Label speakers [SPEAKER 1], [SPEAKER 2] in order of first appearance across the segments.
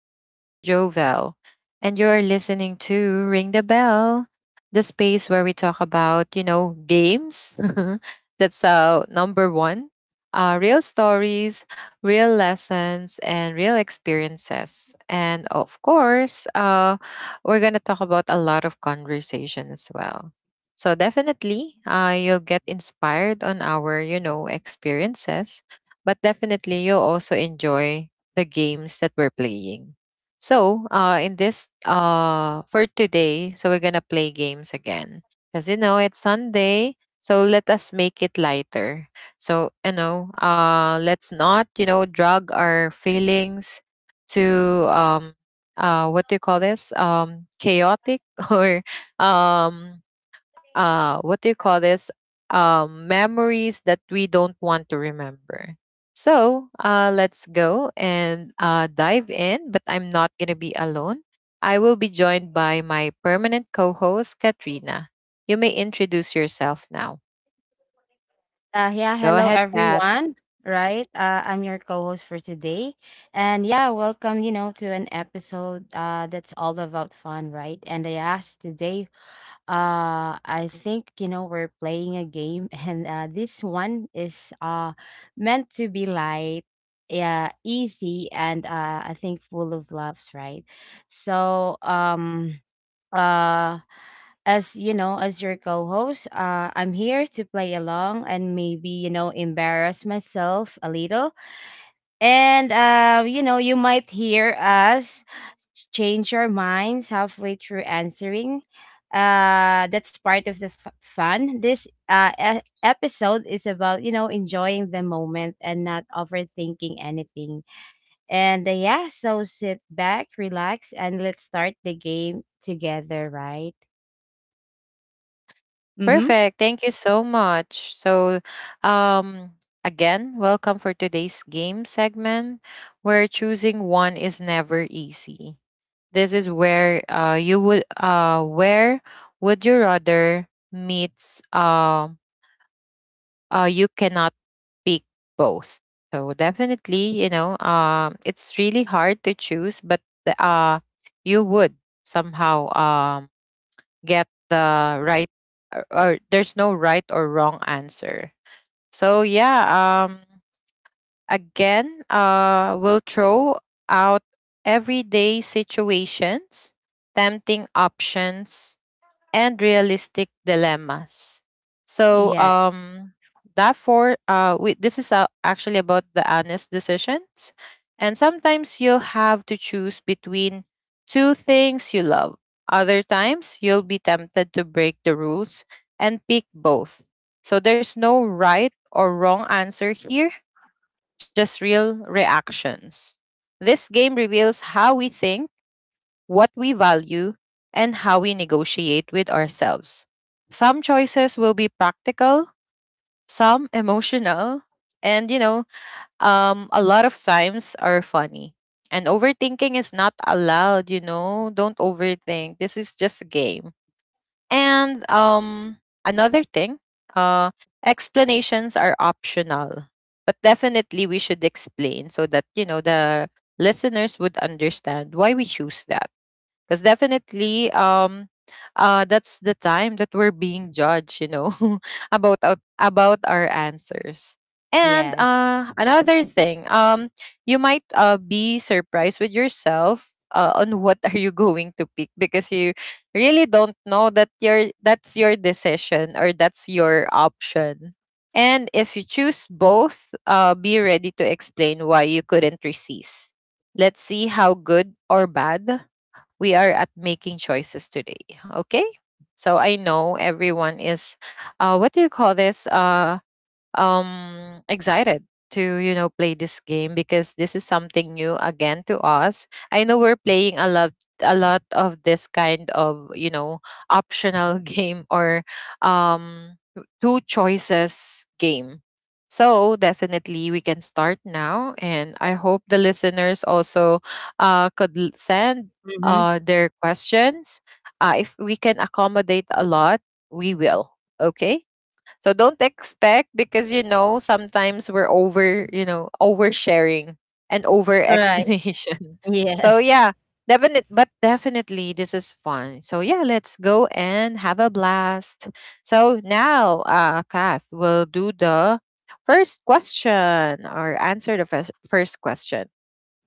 [SPEAKER 1] This is Jovel. And you're listening to Ring the Bell, the space where we talk about, games. That's number one. Real stories, real lessons, and real experiences. And of course, we're going to talk about a lot of conversation as well. So definitely, you'll get inspired on our, experiences, but definitely you'll also enjoy the games that we're playing. So, for today, so we're gonna play games again because you know it's Sunday. So let us make it lighter. So let's not, drag our feelings to what do you call this? Chaotic or um what do you call this? Memories that we don't want to remember. So let's go and dive in, but I'm not gonna be alone. I will be joined by my permanent co-host, Katrina. You may introduce yourself now.
[SPEAKER 2] Yeah,
[SPEAKER 1] Go
[SPEAKER 2] Hello
[SPEAKER 1] ahead, Pat.
[SPEAKER 2] everyone. Right, I'm your co-host for today, and yeah, welcome. To an episode that's all about fun, right? And I asked today, I think you know we're playing a game, and this one is meant to be light, yeah, easy, and I think full of laughs, right? So um uh as you know, as your co-host, I'm here to play along and maybe you know embarrass myself a little, and you know you might hear us change our minds halfway through answering. That's part of the fun. This episode is about you know enjoying the moment and not overthinking anything. And yeah, so sit back, relax, and let's start the game together, right? Mm-hmm.
[SPEAKER 1] Perfect. Thank you so much. So, um, again, welcome for today's game segment where choosing one is never easy. This is where you would where would you rather meets you cannot pick both. So definitely, it's really hard to choose, but the, uh, you would somehow get the right or there's no right or wrong answer. So yeah, um again, we'll throw out everyday situations, tempting options, and realistic dilemmas. So,
[SPEAKER 2] Yeah.
[SPEAKER 1] therefore, this is actually about the honest decisions. And sometimes you'll have to choose between two things you love. Other times, you'll be tempted to break the rules and pick both. So, there's no right or wrong answer here, just real reactions. This game reveals how we think, what we value, and how we negotiate with ourselves. Some choices will be practical, some emotional, and you know, a lot of times are funny. And overthinking is not allowed, you know. Don't overthink. This is just a game. And another thing, uh explanations are optional. But definitely we should explain so that, you know, the listeners would understand why we choose that because definitely that's the time that we're being judged, you know about about our answers. And
[SPEAKER 2] Yes.
[SPEAKER 1] another thing, you might be surprised with yourself on what are you going to pick because you really don't know that your that's your decision or that's your option. And if you choose both, be ready to explain why you couldn't resist. Let's see how good or bad we are at making choices today. Okay. So I know everyone is, what do you call this? Excited to you know play this game because this is something new again to us. I know we're playing a lot of this kind of, you know, optional game, or um two choices game. So definitely we can start now, and I hope the listeners also could send
[SPEAKER 2] Mhm.
[SPEAKER 1] their questions. If we can accommodate a lot, we will. Okay, so don't expect because you know sometimes we're over, you know, oversharing and over
[SPEAKER 2] Right.
[SPEAKER 1] explanation. So
[SPEAKER 2] Yes.
[SPEAKER 1] yeah, definite but definitely this is fun. So yeah, let's go and have a blast. So now Kath will do the first question or answer the first question.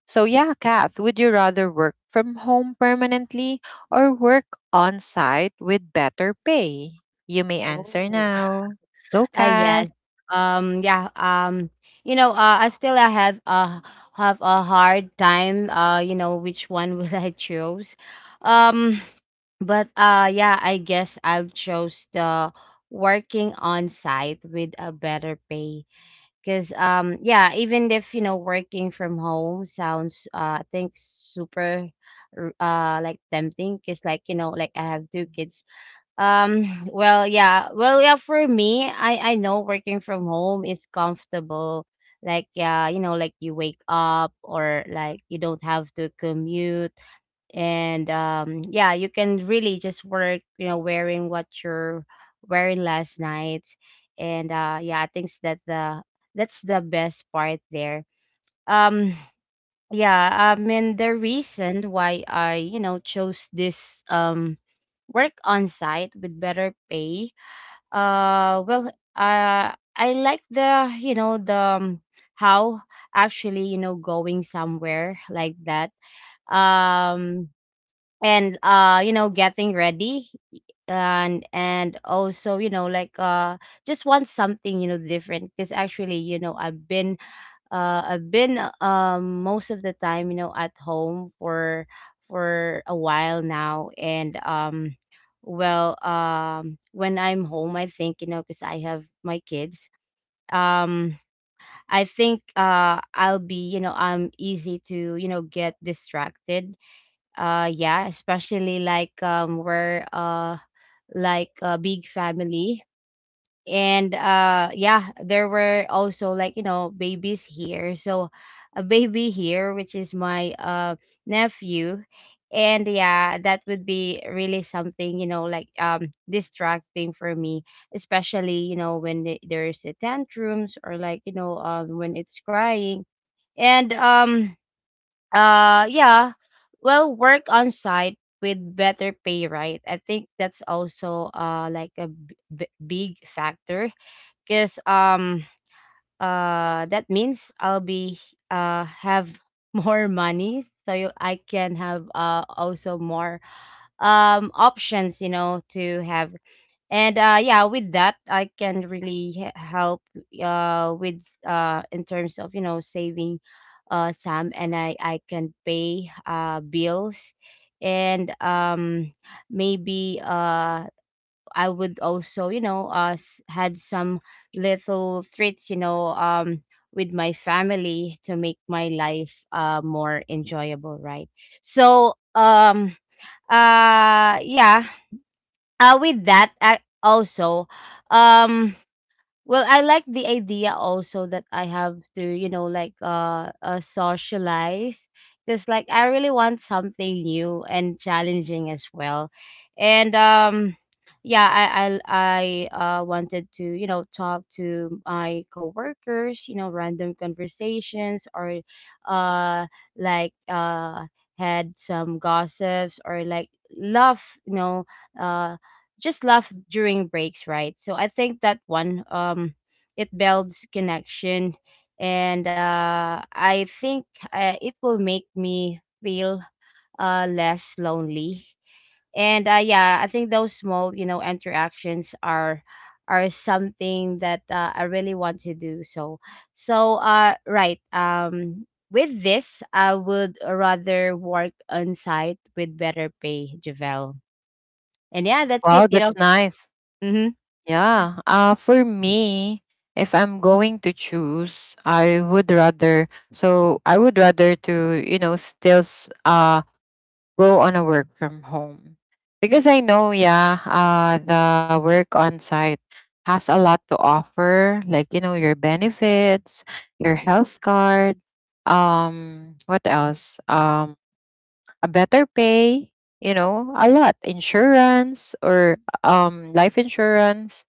[SPEAKER 1] So, yeah, Kath, would you rather work from home permanently or work on site with better pay? You may answer
[SPEAKER 2] Oh.
[SPEAKER 1] now. Go,
[SPEAKER 2] Ah,
[SPEAKER 1] Kath.
[SPEAKER 2] yes. Yeah. You know, I have a hard time you know, which one will I choose. Um, but yeah, I guess I'll choose the working on site with a better pay. Cause yeah, even if you know working from home sounds I think super like tempting, because like you know like I have two kids. Well, yeah. Well, yeah, for me, I know working from home is comfortable. Like, yeah, you know, like you wake up, or like you don't have to commute, and yeah, you can really just work, you know, wearing what you're wearing last night. And yeah, I think that the that's the best part there. Um yeah, I mean the reason why I, you know, chose this, work on site with better pay, uh, well, uh, I like, the you know, the how actually, you know, going somewhere like that. Um, and you know getting ready, and also you know like just want something you know different, because actually you know I've been, most of the time, you know, at home for a while now, and well when I'm home I think you know because I have my kids, um I think I'll be, you know, I'm easy to, you know, get distracted. Yeah, especially like we're like a big family, and yeah, there were also like, you know, babies here, so a baby here which is my nephew. And yeah, that would be really something you know like distracting for me, especially you know when there's the tantrums, or like you know when it's crying. And Yeah. Well, work on site with better pay, right? I think that's also like a big factor, because that means I'll be have more money, so I can have also more options, you know, to have. And yeah, with that I can really help with in terms of you know saving some, and I can pay bills. And maybe I would also, you know, had some little treats you know with my family, to make my life more enjoyable, right? so um yeah. With that I also, um well, I like the idea also that I have to you know like socialize, because like I really want something new and challenging as well. And yeah, I wanted to you know talk to my coworkers, you know, random conversations, or uh like uh had some gossips, or like love you know, uh just laugh during breaks, right? So I think that one, it builds connection, and I think it will make me feel less lonely. And yeah, I think those small, you know, interactions are something that I really want to do. So right, with this, I would rather work on site with better pay, Javel. And yeah, that's it,
[SPEAKER 1] Wow,
[SPEAKER 2] you know.
[SPEAKER 1] that's nice.
[SPEAKER 2] Hmm.
[SPEAKER 1] Yeah. For me, if I'm going to choose, I would rather. So I would rather to you know still go on a work from home because I know, yeah, the work on site has a lot to offer, like you know your benefits, your health card, what else? A better pay, you know, a lot, insurance, or life insurance,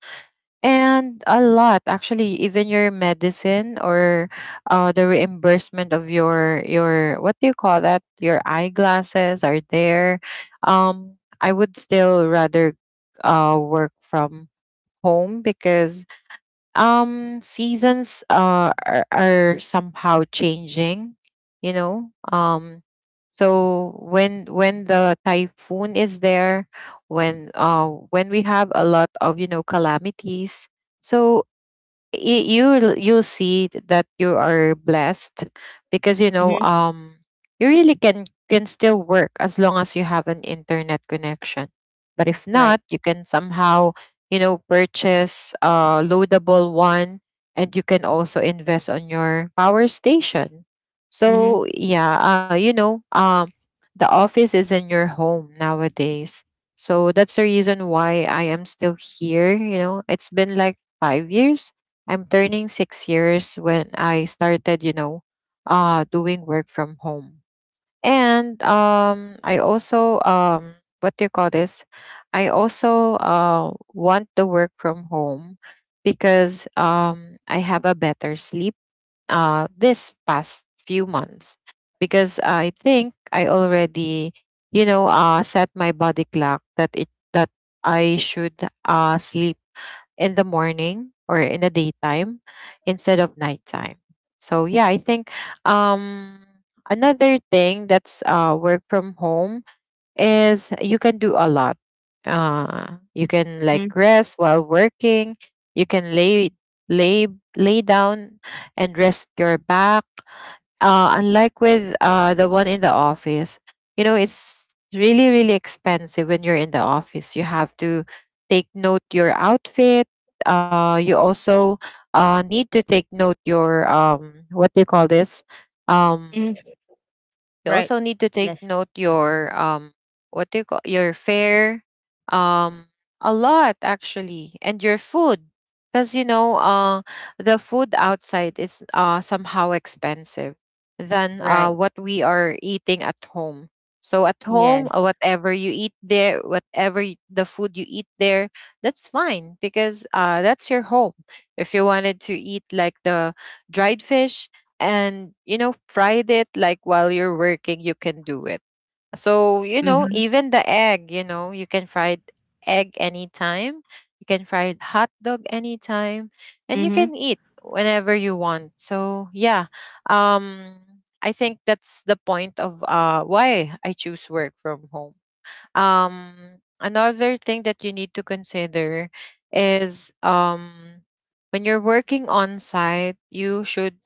[SPEAKER 1] and a lot, actually, even your medicine or the reimbursement of your, what do you call that, your eyeglasses are there. I would still rather work from home because seasons are somehow changing, you know. So when the typhoon is there, when we have a lot of you know calamities, so you you'll see that you are blessed because you know
[SPEAKER 2] Mhm.
[SPEAKER 1] you really can still work as long as you have an internet connection. But if
[SPEAKER 2] Right.
[SPEAKER 1] not, you can somehow you know purchase a loadable one, and you can also invest on your power station.
[SPEAKER 2] Mhm.
[SPEAKER 1] So yeah, you know the office is in your home nowadays. So that's the reason why I am still here. You know, it's been like 5 years. I'm turning 6 years when I started, you know, doing work from home. And I also, what do you call this? I also want the work from home because I have a better sleep this past few months. Because I think I already, you know, set my body clock that I should sleep in the morning or in the daytime instead of nighttime. So yeah, I think um another thing that's work from home is you can do a lot. You can like
[SPEAKER 2] Mhm.
[SPEAKER 1] rest while working, you can lay lay down and rest your back, unlike with the one in the office. You know, it's really, really expensive when you're in the office. You have to take note your outfit. You also need to take note your what do you call this? Um,
[SPEAKER 2] Mhm.
[SPEAKER 1] you
[SPEAKER 2] Right.
[SPEAKER 1] also need to take
[SPEAKER 2] Yes.
[SPEAKER 1] note your what do you call, your fare, um a lot actually, and your food, because you know the food outside is somehow expensive than
[SPEAKER 2] Right.
[SPEAKER 1] what we are eating at home. So at
[SPEAKER 2] Yes.
[SPEAKER 1] home, whatever you eat there, whatever the food you eat there, that's fine because that's your home. If you wanted to eat like the dried fish and you know fried it like while you're working, you can do it. So you know
[SPEAKER 2] Mhm.
[SPEAKER 1] even the egg, you know, you can fry egg anytime, you can fry hot dog anytime, and you
[SPEAKER 2] Mhm.
[SPEAKER 1] can eat whenever you want. So yeah, um I think that's the point of why I choose work from home. um Another thing that you need to consider is when you're working on site, you should,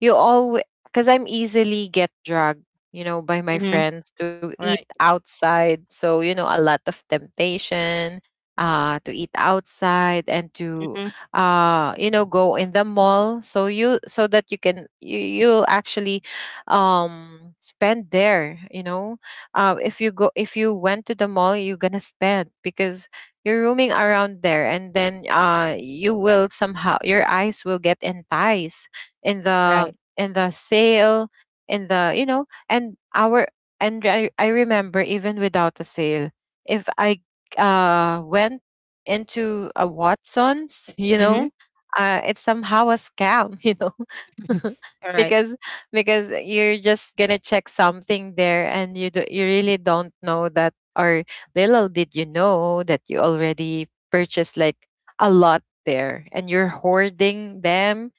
[SPEAKER 1] you always, because I'm easily get dragged, you know, by my
[SPEAKER 2] Mhm.
[SPEAKER 1] friends to eat
[SPEAKER 2] Right.
[SPEAKER 1] outside, so you know a lot of temptation to eat outside and to
[SPEAKER 2] Mhm.
[SPEAKER 1] you know go in the mall so you so that you can you'll actually um spend there you know. If you go, if you went to the mall, you're gonna spend because you're roaming around there, and then you will somehow your eyes will get enticed in the
[SPEAKER 2] Right.
[SPEAKER 1] sale, in the, you know, and I, remember, even without a sale, if I went into a Watson's you
[SPEAKER 2] Mhm.
[SPEAKER 1] know, it's somehow a scam you know
[SPEAKER 2] All right.
[SPEAKER 1] because you're just gonna check something there and you really don't know that, or little did you know that you already purchased like a lot there and you're hoarding them,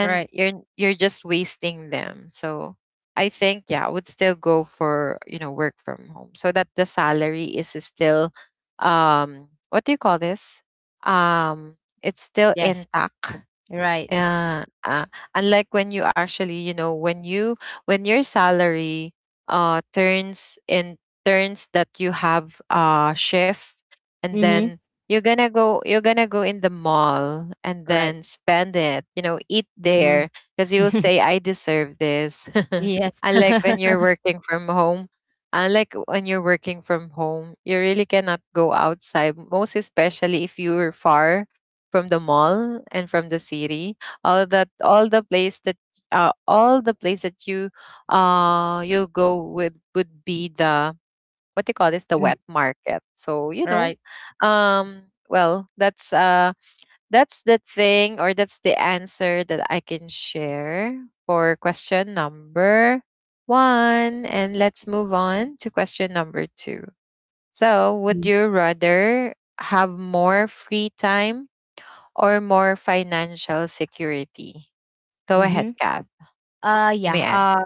[SPEAKER 2] All right.
[SPEAKER 1] you're just wasting them. So I think, yeah, I would still go for you know work from home so that the salary is still what do you call this, um it's still
[SPEAKER 2] Yes.
[SPEAKER 1] intact,
[SPEAKER 2] Right.
[SPEAKER 1] uh, unlike when you actually you know when you when your salary uh turns in turns, that you have a shift, and
[SPEAKER 2] Mhm.
[SPEAKER 1] then you're gonna go, you're gonna go in the mall and
[SPEAKER 2] Right.
[SPEAKER 1] then spend it, you know eat there,
[SPEAKER 2] Mhm.
[SPEAKER 1] because you'll say I deserve this.
[SPEAKER 2] Yes.
[SPEAKER 1] Unlike when you're working from home, you really cannot go outside, most especially if you are far from the mall and from the city. All the place that, all the place that you, you go with would be the what do you call this, the
[SPEAKER 2] All right.
[SPEAKER 1] wet market. So you know,
[SPEAKER 2] Right.
[SPEAKER 1] well, that's the thing or that's the answer that I can share for question number one. And let's move on to question number two. So, would
[SPEAKER 2] Mhm.
[SPEAKER 1] you rather have more free time or more financial security? Go ahead,
[SPEAKER 2] Mhm.
[SPEAKER 1] Kath. You may
[SPEAKER 2] Yeah.
[SPEAKER 1] answer.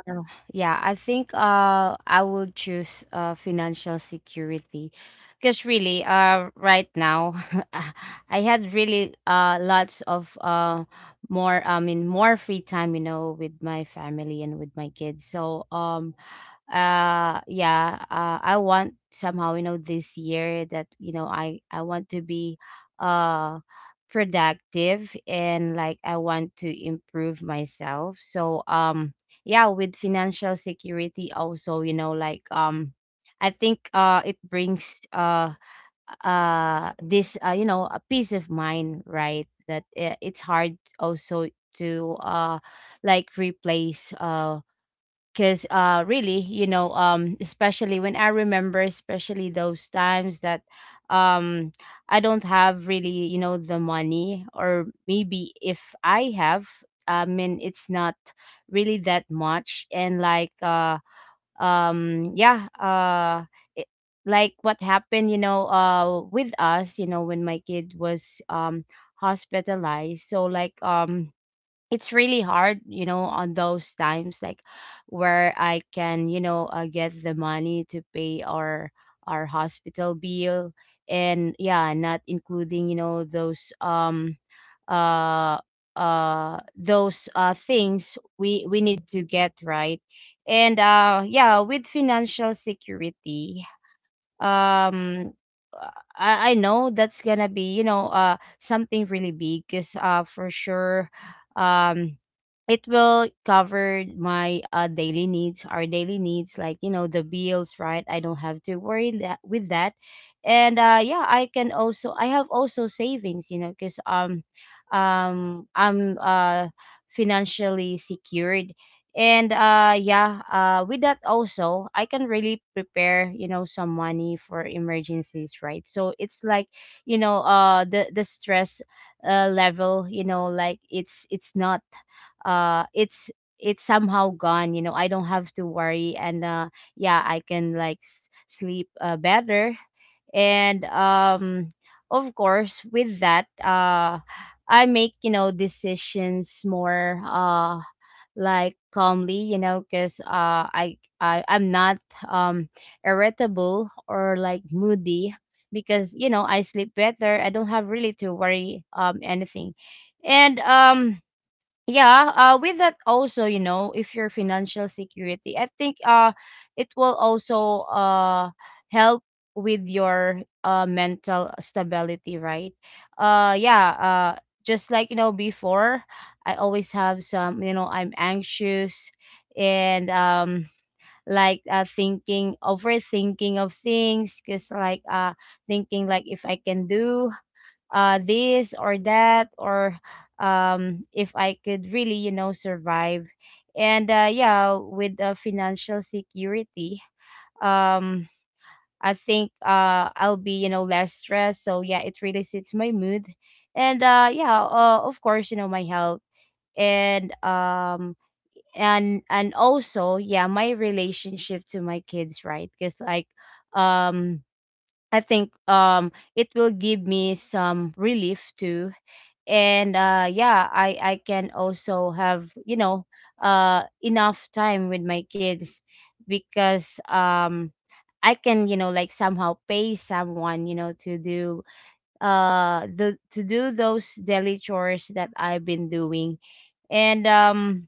[SPEAKER 2] Yeah. I think I would choose financial security, because really right now, I had really lots of more I mean more free time you know with my family and with my kids. So yeah, I want somehow you know this year that you know I want to be uh productive, and like I want to improve myself. Yeah, with financial security also you know like I think it brings this you know, a peace of mind, right, that it's hard also to like replace, because really you know especially when I remember, especially those times that um I don't have really you know the money, or maybe if I have, I mean it's not really that much, and like yeah, it, like what happened you know with us, you know, when my kid was hospitalized. So like it's really hard you know on those times, like where I can you know get the money to pay our hospital bill. And yeah, not including you know uh those things we need to get, right? And yeah, with financial security, um uh, I know that's gonna be you know something really big, because for sure, um it will cover my daily needs, our daily needs, like you know the bills, right? I don't have to worry that with that. And yeah, I can also I have also savings you know because I'm financially secured. And yeah, with that also I can really prepare you know some money for emergencies, right? So it's like you know the stress level, you know, like it's not it's it's somehow gone, you know. I don't have to worry. And yeah, I can like sleep better. And of course with that I make you know decisions more like calmly, you know, because I'm not um irritable or like moody, because you know I sleep better. I don't have really to worry anything. And yeah, with that also, you know, if your financial security, I think it will also help with your mental stability, right? Yeah, uh just like you know before I always have some you know I'm anxious. And like thinking, overthinking of things, because like thinking like if I can do this or that, or if I could really you know survive. And yeah, with financial security, um I think I'll be, you know, less stressed, so yeah, it really suits my mood. And yeah, of course, you know, my health, and also yeah my relationship to my kids, right, because like um I think it will give me some relief too. And yeah, I can also have you know enough time with my kids, because I can you know like somehow pay someone you know to do the to do those daily chores that I've been doing. And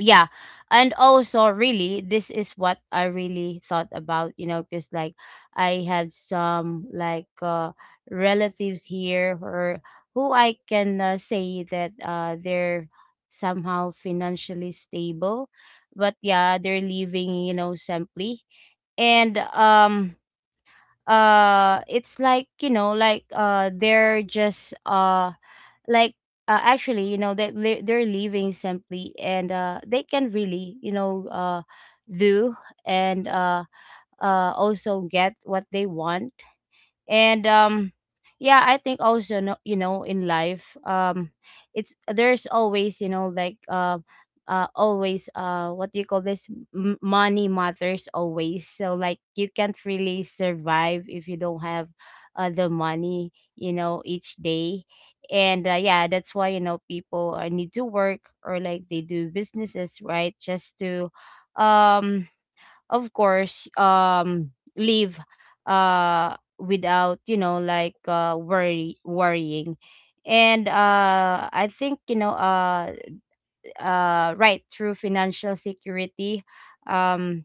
[SPEAKER 2] yeah, and also really this is what I really thought about, you know, because like I had some like relatives here, or who I can say that they're somehow financially stable, but yeah, they're living you know simply. And it's like you know like they're just like actually, you know, they're leaving simply, and they can really you know do, and also get what they want. And yeah, I think also no, you know, in life it's there's always you know like always what do you call this, money matters always, so like you can't really survive if you don't have the money you know each day. And yeah, that's why you know people need to work, or like they do businesses, right, just to um of course live without you know like worrying. And I think you know right, through financial security, um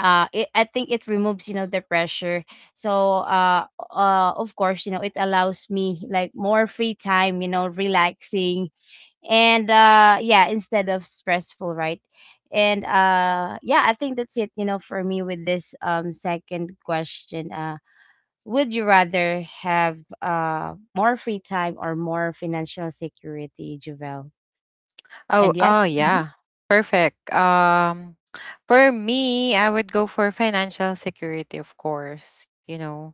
[SPEAKER 2] I think it removes you know the pressure. So of course, you know, it allows me like more free time you know relaxing, and yeah, instead of stressful, right? And yeah, I think that's it you know for me with this second question, would You rather have more free time or more financial security, Javel?
[SPEAKER 1] Oh,
[SPEAKER 2] And Yes.
[SPEAKER 1] oh
[SPEAKER 2] Mm-hmm.
[SPEAKER 1] yeah. Perfect. For me, I would go for financial security, of course, you know,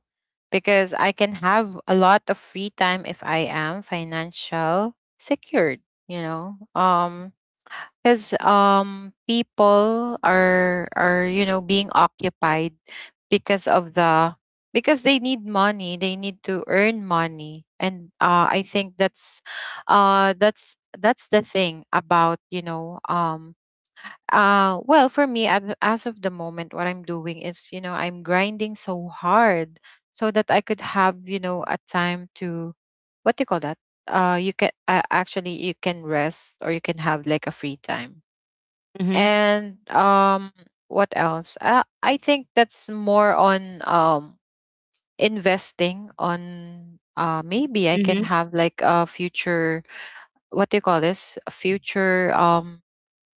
[SPEAKER 1] because I can have a lot of free time if I am financial secured, you know. Because people are being occupied because of the because they need money. They need to earn money, and I think that's the thing about well, for me, as of the moment, what I'm doing is, you know, I'm grinding so hard so that I could have, you know, a time to, what do you call that, you can, actually you can rest or you can have like a free time.
[SPEAKER 2] Mm-hmm.
[SPEAKER 1] And what else? Uh, I think that's more on, investing on, maybe I can
[SPEAKER 2] Mm-hmm.
[SPEAKER 1] have like a future, what do you call this, a future,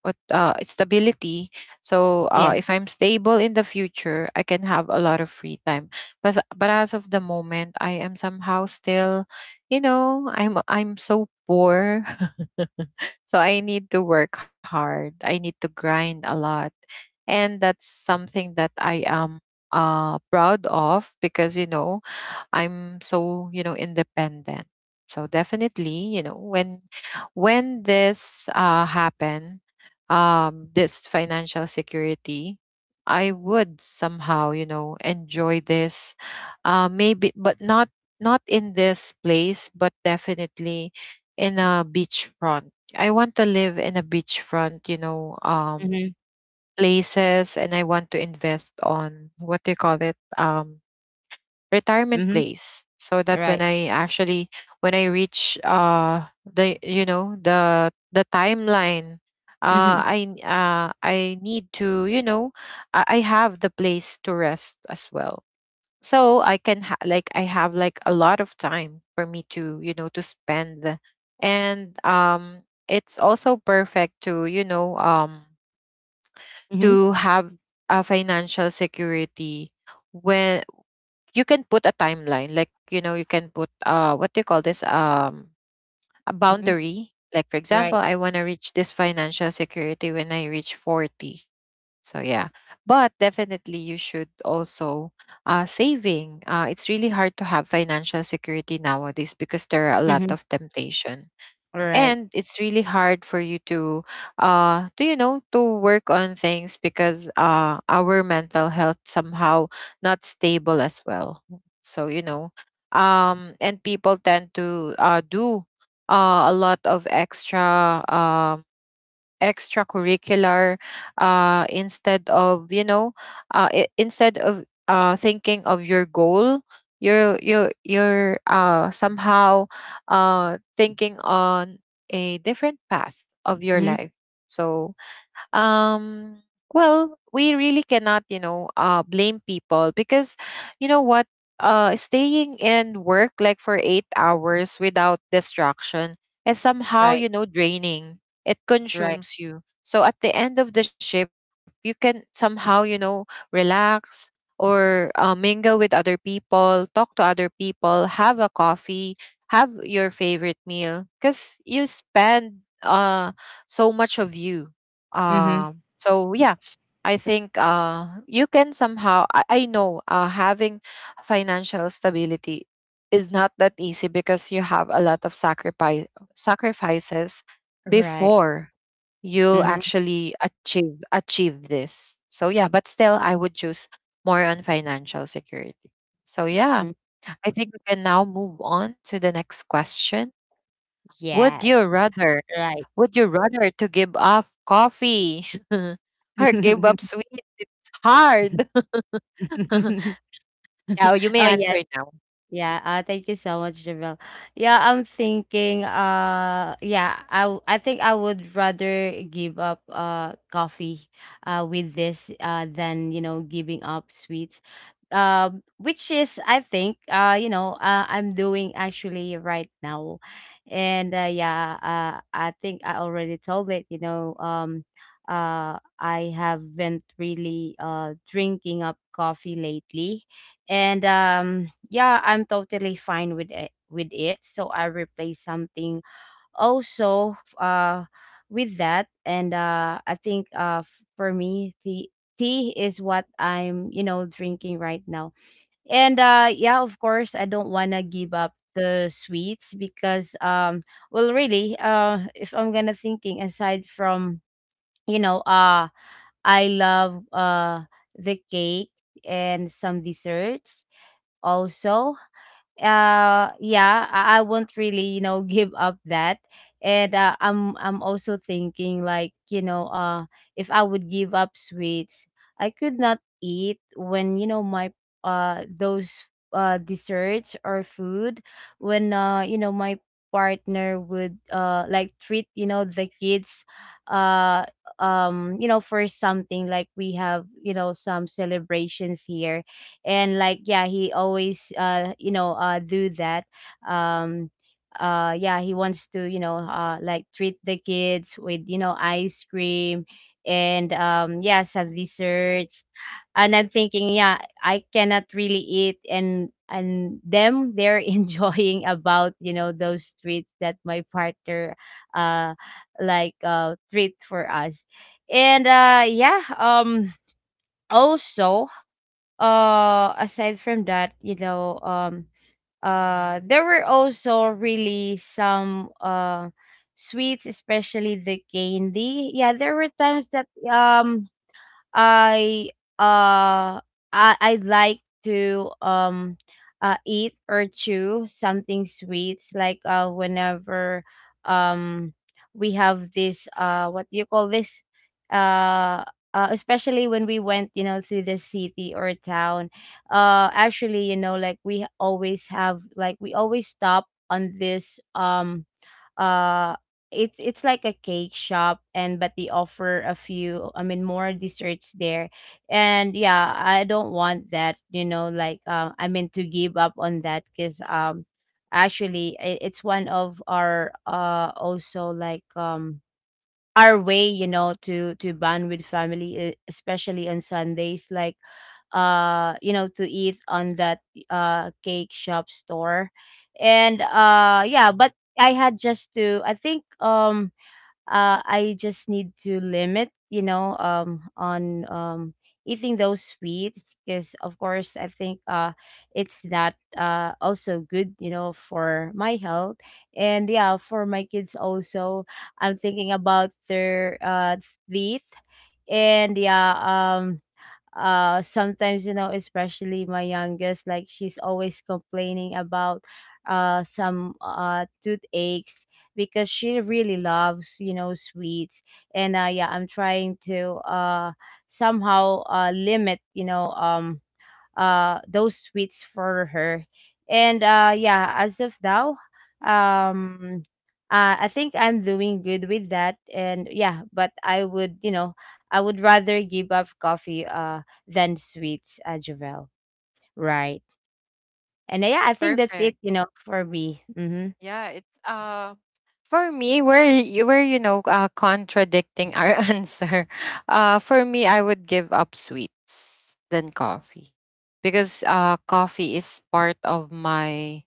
[SPEAKER 1] what stability. So if
[SPEAKER 2] Yes.
[SPEAKER 1] I'm stable in the future, I can have a lot of free time. But as of the moment, I am somehow still, you know, I'm so poor So I need to work hard. I need to grind a lot. And that's something that I am proud of, because you know, I'm so, you know, independent. So definitely, you know, when this happen, this financial security, I would somehow, you know, enjoy this, maybe, but not in this place, but definitely in a beachfront. I want to live in a beachfront, you know,
[SPEAKER 2] Mm-hmm.
[SPEAKER 1] places, and I want to invest on, what do you call it? Retirement
[SPEAKER 2] Mm-hmm.
[SPEAKER 1] place, so that
[SPEAKER 2] Right.
[SPEAKER 1] when I actually, when I reach, the you know, the timeline,
[SPEAKER 2] Mm-hmm.
[SPEAKER 1] I need to, you know, I have the place to rest as well. So I can, like I have like a lot of time for me to, you know, to spend. And it's also perfect to, you know,
[SPEAKER 2] Mm-hmm.
[SPEAKER 1] to have a financial security when you can put a timeline, like, you know, you can put, what do you call this, a
[SPEAKER 2] Mm-hmm.
[SPEAKER 1] boundary, like for example,
[SPEAKER 2] Right.
[SPEAKER 1] I want to reach this financial security when I reach 40. So yeah, but definitely you should also, saving, it's really hard to have financial security nowadays because there are a lot
[SPEAKER 2] Mm-hmm.
[SPEAKER 1] of temptation.
[SPEAKER 2] Right.
[SPEAKER 1] And it's really hard for you to, to, you know, to work on things, because our mental health somehow not stable as well. So you know, and people tend to do a lot of extra, extracurricular, instead of, you know, instead of, thinking of your goal, you're somehow thinking on a different path of your
[SPEAKER 2] Mm-hmm.
[SPEAKER 1] life. So um well, we really cannot, you know, blame people, because you know what, staying in work like for 8 hours without distraction is somehow,
[SPEAKER 2] Right.
[SPEAKER 1] you know, draining. It
[SPEAKER 2] Right.
[SPEAKER 1] consumes you, so at the end of the shift you can somehow, you know, relax, or mingle with other people, talk to other people, have a coffee, have your favorite meal, because you spend so much of you.
[SPEAKER 2] Mm-hmm.
[SPEAKER 1] So yeah, I think you can somehow. I know, having financial stability is not that easy because you have a lot of sacrifices
[SPEAKER 2] Right.
[SPEAKER 1] before you
[SPEAKER 2] Mm-hmm.
[SPEAKER 1] actually achieve this. So yeah, but still, I would choose more on financial security. So yeah,
[SPEAKER 2] Mm-hmm.
[SPEAKER 1] I think we can now move on to the next question. Would
[SPEAKER 2] Yes.
[SPEAKER 1] you rather
[SPEAKER 2] Right.
[SPEAKER 1] would you rather to give up coffee or give up sweets? It's hard. Yeah, you may
[SPEAKER 2] Oh,
[SPEAKER 1] answer
[SPEAKER 2] yes.
[SPEAKER 1] now.
[SPEAKER 2] Yeah. Thank you so much, Javel. Yeah, I'm thinking, yeah, I think I would rather give up coffee, with this, than, you know, giving up sweets. Uh, which is, I think, you know, I'm doing actually right now. And yeah, I think I already told it, you know, I haven't really drinking up coffee lately. And yeah, I'm totally fine with it, with it, so I replace something also, with that. And I think, for me, tea, tea is what I'm, you know, drinking right now. And yeah, of course I don't want to give up the sweets because, well, really, if I'm gonna thinking aside from, you know uh I love, the cake and some desserts also. Yeah, I won't really, you know, give up that. And I'm also thinking like, you know, if I would give up sweets, I could not eat when, you know, my, those, desserts or food, when, you know, my partner would, like treat, you know, the kids, uh you know, for something, like we have, you know, some celebrations here. And like, yeah, he always, you know, do that. um yeah, he wants to, you know, like treat the kids with, you know, ice cream and, yeah, some desserts. And I'm thinking, yeah, I cannot really eat and, them, they're enjoying about, you know, those treats that my partner, uh like, treat for us. And yeah, also, aside from that, you know, there were also really some, sweets, especially the candy. Yeah, there were times that, I, uh I I like to, eat or chew something sweet, like, whenever, um we have this, what do you call this, uh especially when we went, you know, through the city or town. Actually, you know, like we always have, like we always stop on this, uh it's like a cake shop, and but they offer a few, I mean more desserts there. And yeah, I don't want that, you know, like, I mean to give up on that, because, actually, I it's one of our, also like, our way, you know, to bond with family, especially on Sundays. Like you know, to eat on that cake shop store. And yeah, but I had just to, I think, I just need to limit, you know, on, eating those sweets, because of course I think, it's not, also good, you know, for my health, and yeah, for my kids also. I'm thinking about their, teeth. And yeah, sometimes, you know, especially my youngest, like she's always complaining about, some, toothaches, because she really loves, you know, sweets. And yeah, I'm trying to, somehow, limit, you know, those sweets for her. And yeah, as of now, um I think I'm doing good with that. And yeah, but I would, you know, I would rather give up coffee than sweets, Javel. Right. And yeah, I think that's it,
[SPEAKER 1] Perfect.
[SPEAKER 2] you know, for me. Mm-hmm.
[SPEAKER 1] Yeah, it's for me, where you were, you know, contradicting our answer. For me, I would give up sweets than coffee. Because coffee is part of my,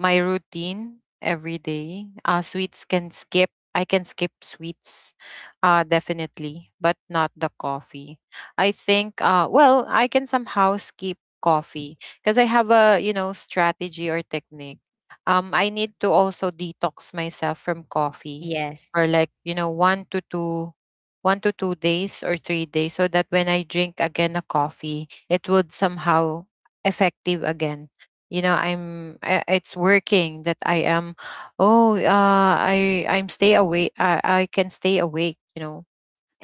[SPEAKER 1] my routine every day. Sweets can skip. I can skip sweets definitely, but not the coffee. I think well, I can somehow skip coffee because I have a, you know, strategy or technique. I need to also detox myself from coffee
[SPEAKER 2] Yes.
[SPEAKER 1] for like, you know, 1 to 2 days or 3 days, so that when I drink again a coffee, it would somehow effective again. You know, it's working, that I am, oh, I'm stay awake. I can stay awake, you know.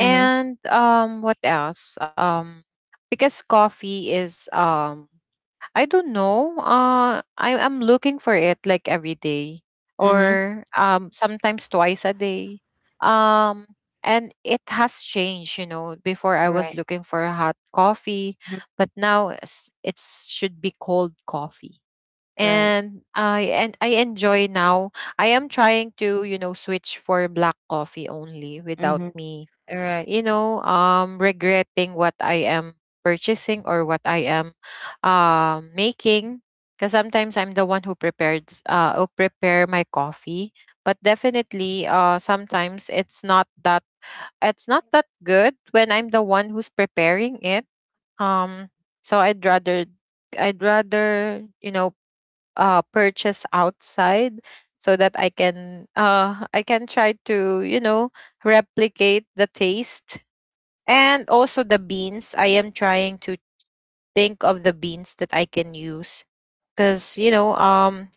[SPEAKER 2] Mm-hmm.
[SPEAKER 1] what else? Because coffee is, I don't know. I am looking for it like every day,
[SPEAKER 2] Mm-hmm.
[SPEAKER 1] or sometimes twice a day. Um, and it has changed, you know. Before I was
[SPEAKER 2] Right.
[SPEAKER 1] looking for a hot coffee,
[SPEAKER 2] Mhm.
[SPEAKER 1] but now it's, it should be cold coffee.
[SPEAKER 2] Right.
[SPEAKER 1] And I enjoy now. I am trying to, you know, switch for black coffee only without
[SPEAKER 2] Mm-hmm.
[SPEAKER 1] me,
[SPEAKER 2] Right.
[SPEAKER 1] you know, regretting what I am purchasing or what I am making. Because sometimes I'm the one who prepares, who prepare my coffee. But definitely, sometimes it's not that good when I'm the one who's preparing it. Um, so I'd rather, you know, purchase outside, so that I can, I can try to, you know, replicate the taste. And also the beans, I am trying to think of the beans that I can use, because you know, um,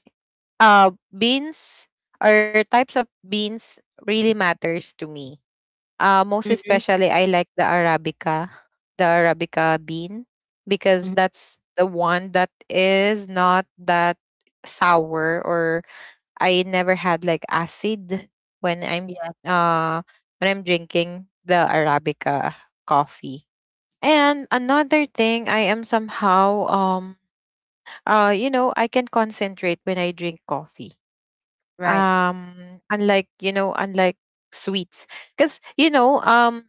[SPEAKER 1] uh, beans or types of beans really matters to me. Most
[SPEAKER 2] Mm-hmm.
[SPEAKER 1] especially, I like the arabica bean, because
[SPEAKER 2] Mm-hmm.
[SPEAKER 1] that's the one that is not that sour, or I never had like acid when I'm
[SPEAKER 2] Yeah.
[SPEAKER 1] uh when I'm drinking the arabica coffee. And another thing, I am somehow you know, I can concentrate when I drink coffee.
[SPEAKER 2] Right.
[SPEAKER 1] Unlike, you know, unlike sweets. Cuz you know,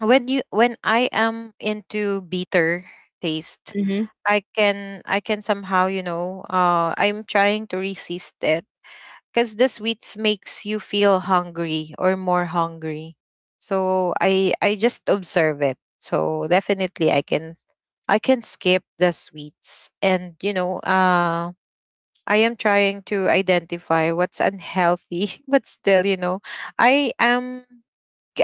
[SPEAKER 1] when you, when I am into bitter taste,
[SPEAKER 2] Mm-hmm.
[SPEAKER 1] I can somehow, you know, I'm trying to resist it, cuz the sweets makes you feel hungry or more hungry. So I just observe it. So definitely I can skip the sweets. And, you know, I am trying to identify what's unhealthy, but still, you know, I am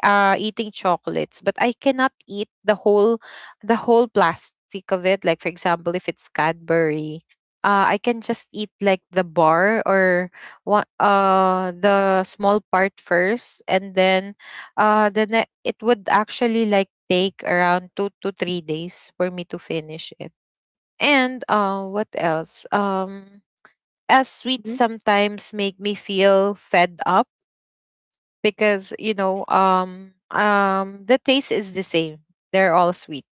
[SPEAKER 1] eating chocolates, but I cannot eat the whole plastic of it. Like, for example, if it's Cadbury, I can just eat like the bar, or what, the small part first, and then, it would actually like take around 2 to 3 days for me to finish it. And what else? As sweets
[SPEAKER 2] Mm-hmm.
[SPEAKER 1] sometimes make me feel fed up, because you know the taste is the same. They're all sweet,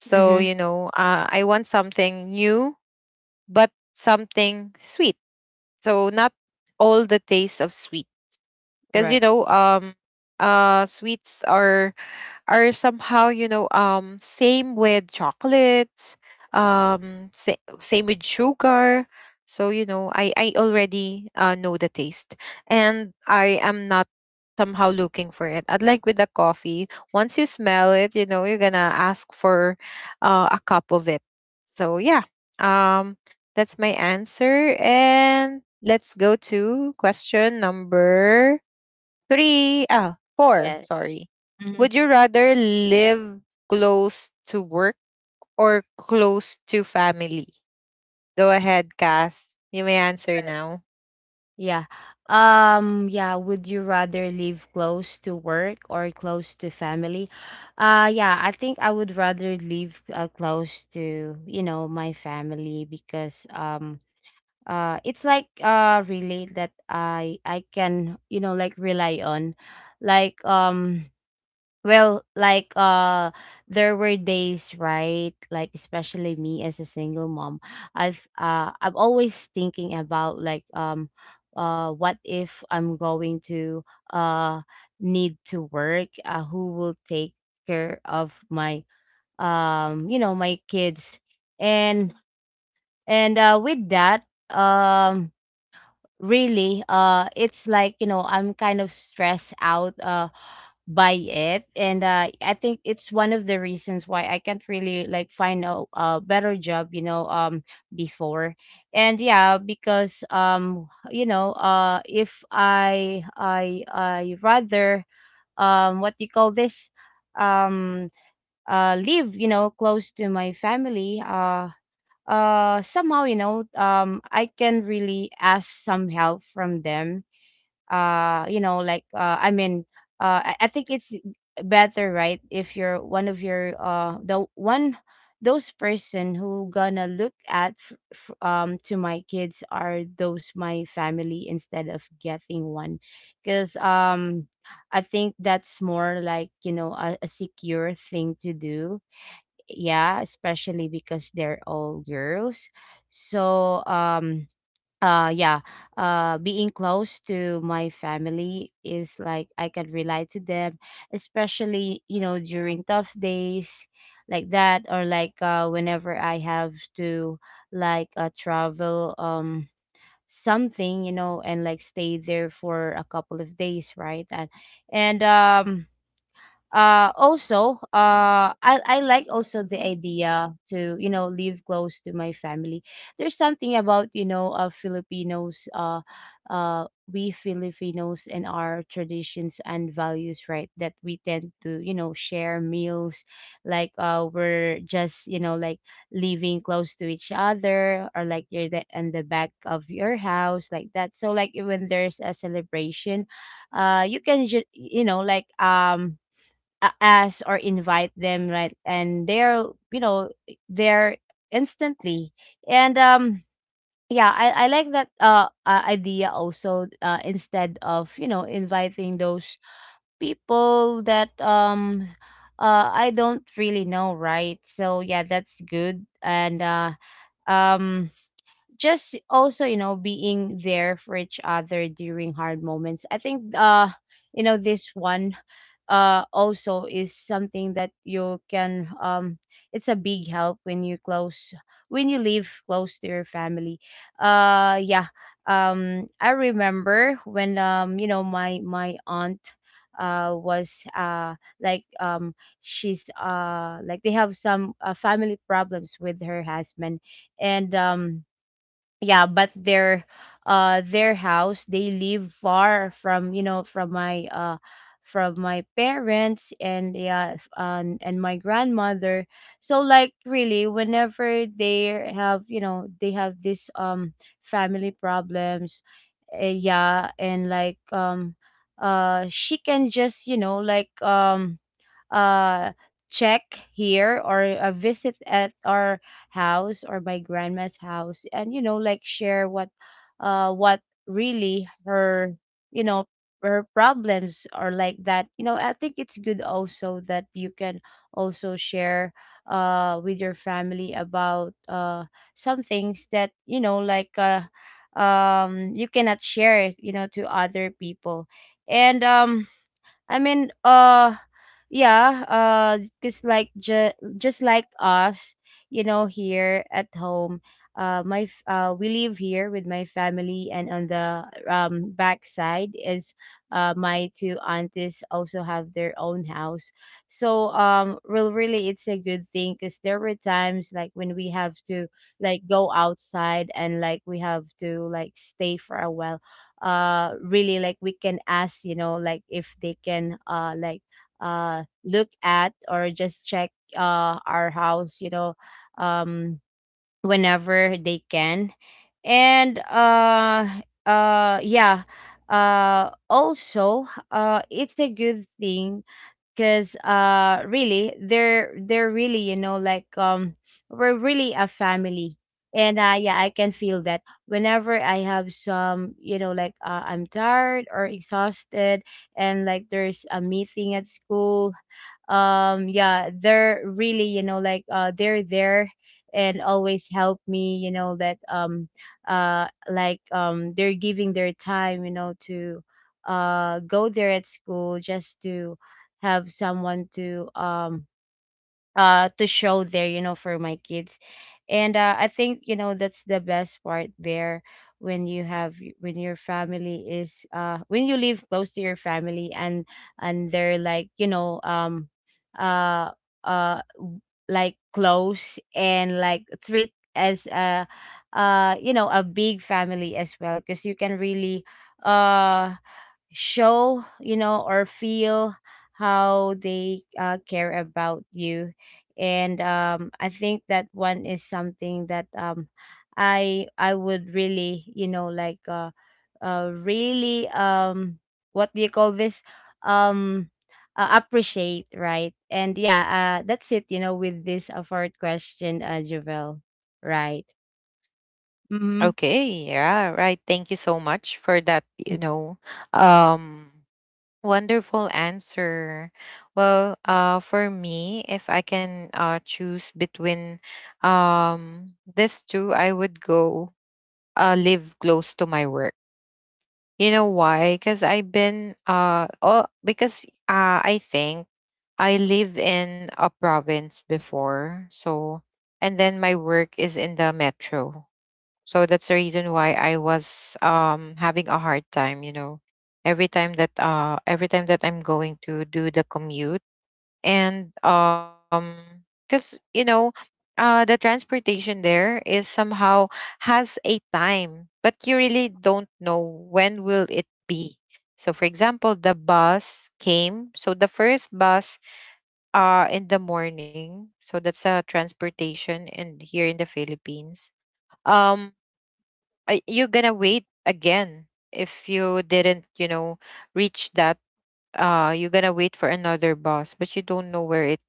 [SPEAKER 1] so
[SPEAKER 2] Mm-hmm.
[SPEAKER 1] you know, I want something new, but something sweet. So not all the taste of sweet, because you
[SPEAKER 2] Right.
[SPEAKER 1] know sweets are somehow, you know, same with chocolates, same with sugar. So you know, I already know the taste, and I am not somehow looking for it. I'd like with the coffee, once you smell it, you know, you're gonna ask for a cup of it. So yeah, um that's my answer, and let's go to question number three ah four,
[SPEAKER 2] Yeah.
[SPEAKER 1] sorry.
[SPEAKER 2] Mm-hmm.
[SPEAKER 1] Would you rather live close to work or close to family? Go ahead, Kath. You may answer
[SPEAKER 2] Right.
[SPEAKER 1] now.
[SPEAKER 2] Yeah. Yeah, would you rather live close to work or close to family? Yeah, I think I would rather live, close to, you know, my family, because it's like, really that I can, you know, like rely on. Like, well, like, there were days, right? Like especially me as a single mom, I'm always thinking about, like, what if I'm going to, uh need to work, who will take care of my, you know, my kids. And and with that, um really, it's like, you know, I'm kind of stressed out by it. And I think it's one of the reasons why I can't really, like, find a better job, you know, before. And yeah, because, you know, if I rather, what do you call this, um live, you know, close to my family. Somehow, you know, I can really ask some help from them, you know, like, I mean, I think it's better, right? If you're one of your, the one, those person who gonna look at, to my kids are those my family instead of getting one. Because, I think that's more, like, you know, a secure thing to do. Yeah, especially because they're all girls. So, yeah, being close to my family is like I can relate to them, especially, you know, during tough days like that. Or like, whenever I have to, like, travel, something, you know, and like stay there for a couple of days, right? And also, I like also the idea to, you know, live close to my family. There's something about, you know, Filipinos, uh we Filipinos and our traditions and values, right? That we tend to, you know, share meals. Like, we're just, you know, like living close to each other, or like you're the, in the back of your house, like that, so like when there's a celebration, you can you know, like, ask or invite them, right? And they're, you know, they're instantly. And yeah, I like that, idea also, instead of, you know, inviting those people that, I don't really know, right? So yeah, that's good. And um just also, you know, being there for each other during hard moments, I think, you know, this one, also is something that you can, it's a big help when you close, when you live close to your family. Yeah. I remember when, you know, my aunt was, like um she's, like they have some, family problems with her husband. And, yeah, but their, their house, they live far from, you know, from my, from my parents, and yeah, and my grandmother. So, like, really whenever they have, you know, they have this, family problems, yeah, and like, she can just, you know, like, uh check here or a visit at our house or my grandma's house, and you know, like share what, what really her, you know, her problems are like that. You know, I think it's good also that you can also share with your family about, some things that, you know, like, you cannot share it, you know, to other people. And I mean, yeah, just like just like us, you know, here at home, we live here with my family, and on the back side is, my two aunties also have their own house. So well, really, it's a good thing because there were times like when we have to like go outside and like we have to like stay for a while, really, like we can ask, you know, like if they can look at or just check our house, you know, um whenever they can. And yeah, also, it's a good thing because really, they're really, we're really a family. And yeah, I can feel that whenever I have some, I'm tired or exhausted, and like there's a meeting at school. Yeah, they're really, they're there and always help me, you know, that they're giving their time, you know, to go there at school just to have someone to show there, you know, for my kids. And I think, you know, that's the best part there, when you have, when your family is, when you live close to your family, and they're like, you know, uh uh w- like close and like treat as a, you know, a big family as well, because you can really uh show, you know, or feel how they, care about you. And I think that one is something that I would really, you know, like, really, what do you call this, um appreciate. Right. And yeah, that's it, you know, with this, fourth question, Jovel. Right. Mm-hmm.
[SPEAKER 1] Okay, yeah, right. Thank you so much for that, you know, um wonderful answer. Well, for me, if I can choose between this two, I would go live close to my work. You know why? Because I've been because I think I live in a province before, so, and then my work is in the metro. So that's the reason why I was having a hard time, you know. Every time that I'm going to do the commute. And cuz you know, the transportation there is somehow has a time, but you really don't know when will it be. So for example, the bus came. So the first bus in the morning. So that's a transportation in here in the Philippines. Um I- you're gonna wait again if you didn't, you know, reach that, you're gonna wait for another bus, but you don't know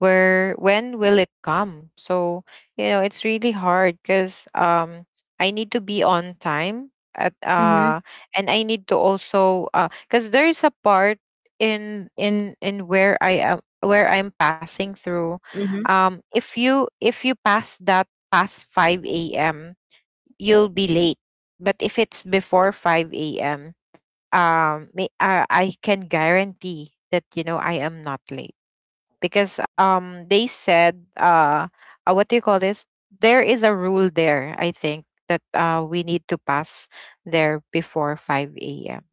[SPEAKER 1] where when will it come. So you know, it's really hard, because I need to be on time at,
[SPEAKER 2] Mm-hmm.
[SPEAKER 1] and I need to also, because there's a part in where I am, where I'm passing through.
[SPEAKER 2] Mm-hmm,
[SPEAKER 1] If you pass that past 5 a.m, you'll be late. But if it's before 5 a.m, I can guarantee that, you know, I am not late, because they said, what do you call this, there is a rule there, I think, that we need to pass there before 5 a.m.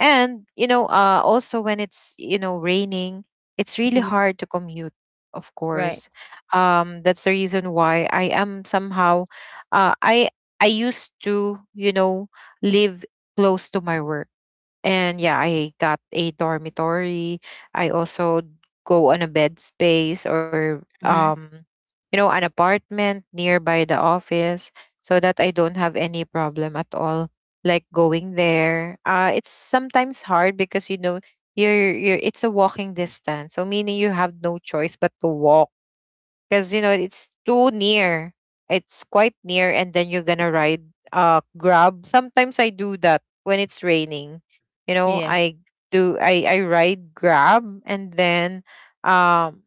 [SPEAKER 1] And you know, also when it's, you know, raining, it's really
[SPEAKER 2] mm-hmm.
[SPEAKER 1] hard to commute, of course.
[SPEAKER 2] Right.
[SPEAKER 1] That's the reason why I am somehow, uh i I used to, you know, live close to my work. And yeah, I got a dormitory. I also go on a bed space, or
[SPEAKER 2] Mm-hmm.
[SPEAKER 1] you know, an apartment nearby the office, so that I don't have any problem at all, like going there. It's sometimes hard because you know you're it's a walking distance. So meaning you have no choice but to walk because you know it's too near. It's quite near, and then you're gonna ride grab. Sometimes I do that when it's raining, you know.
[SPEAKER 2] Yeah.
[SPEAKER 1] I do i i ride grab, and then um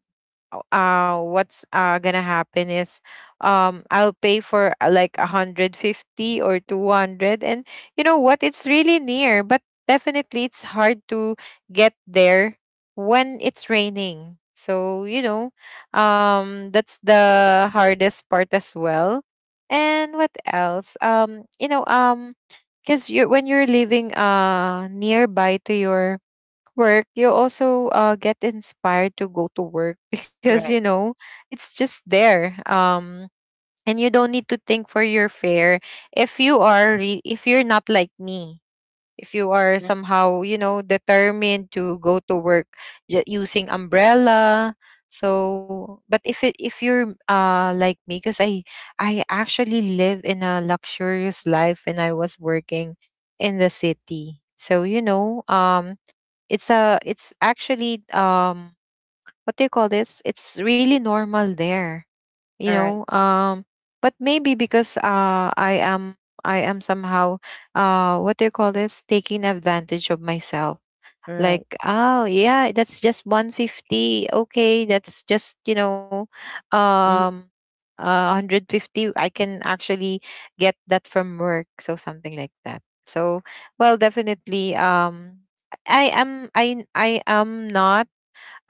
[SPEAKER 1] what's gonna happen is I'll pay for like 150 or 200. And you know what, it's really near, but definitely it's hard to get there when it's raining. So you know, that's the hardest part as well. And what else? Because you when you're living nearby to your work, you also get inspired to go to work
[SPEAKER 2] All
[SPEAKER 1] because you
[SPEAKER 2] right.
[SPEAKER 1] know it's just there. And you don't need to think for your fare. If you're not like me. If you are
[SPEAKER 2] Mhm.
[SPEAKER 1] somehow, you know, determined to go to work using umbrella. So, but if it if you're like me, because I actually live in a luxurious life when I was working in the city. So you know, it's actually what do you call this? It's really normal there, you
[SPEAKER 2] All
[SPEAKER 1] know.
[SPEAKER 2] right.
[SPEAKER 1] But maybe because I am somehow what do you call this? Taking advantage of myself, like,
[SPEAKER 2] Right.
[SPEAKER 1] oh yeah, that's just 150, okay, that's just, you know, um 150 I can actually get that from work. So something like that. So well, definitely, I am not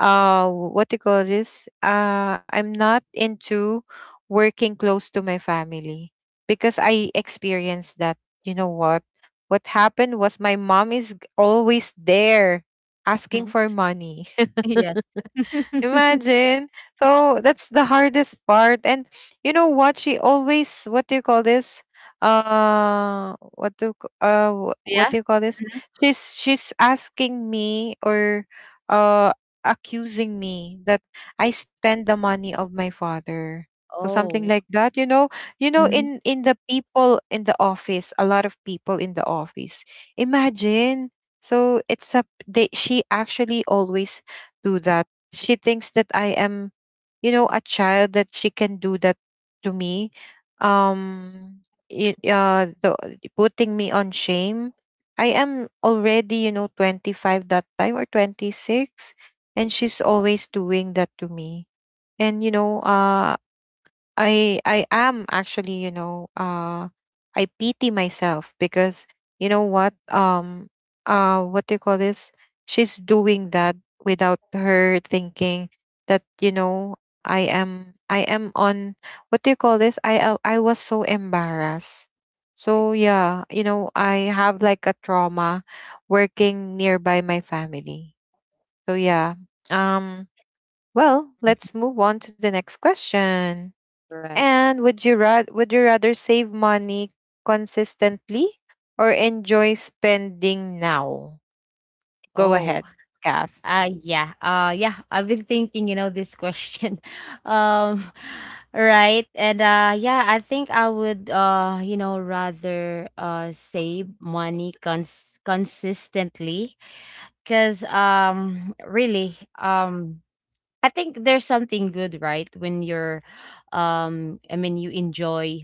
[SPEAKER 1] what do you call this? I'm not into working close to my family because I experienced that. You know what? What happened was, my mom is always there asking
[SPEAKER 2] Mhm.
[SPEAKER 1] for money.
[SPEAKER 2] Yes.
[SPEAKER 1] Imagine. So that's the hardest part. And you know what? She always, what do you call this? What
[SPEAKER 2] Yeah.
[SPEAKER 1] do you call this?
[SPEAKER 2] Mhm.
[SPEAKER 1] She's asking me, or uh accusing me that I spend the money of my father. So something
[SPEAKER 2] Oh.
[SPEAKER 1] like that, you know. You know,
[SPEAKER 2] Mhm.
[SPEAKER 1] in the people in the office, a lot of people in the office. Imagine. So it's a, they, she actually always do that. She thinks that I am, you know, a child that she can do that to me. Um, it, uh, the, Putting me on shame. I am already, you know, 25 that time, or 26, and she's always doing that to me. And you know, I am actually, you know, I pity myself, because you know what? What do you call this? She's doing that without her thinking that, you know, I am on, what do you call this? I was so embarrassed.
[SPEAKER 2] Right,
[SPEAKER 1] So yeah, you know, I have like a trauma working nearby my family. So yeah. Um well, let's move on to the next question.
[SPEAKER 2] right.
[SPEAKER 1] And would you rather save money consistently, or enjoy spending now? Go
[SPEAKER 2] Oh.
[SPEAKER 1] ahead, Kath.
[SPEAKER 2] Yeah. Yeah, I've been thinking, you know, this question. Um, right. And yeah, I think I would, you know, rather save money consistently, because really, I think there's something good, right? When you're, I mean, you enjoy,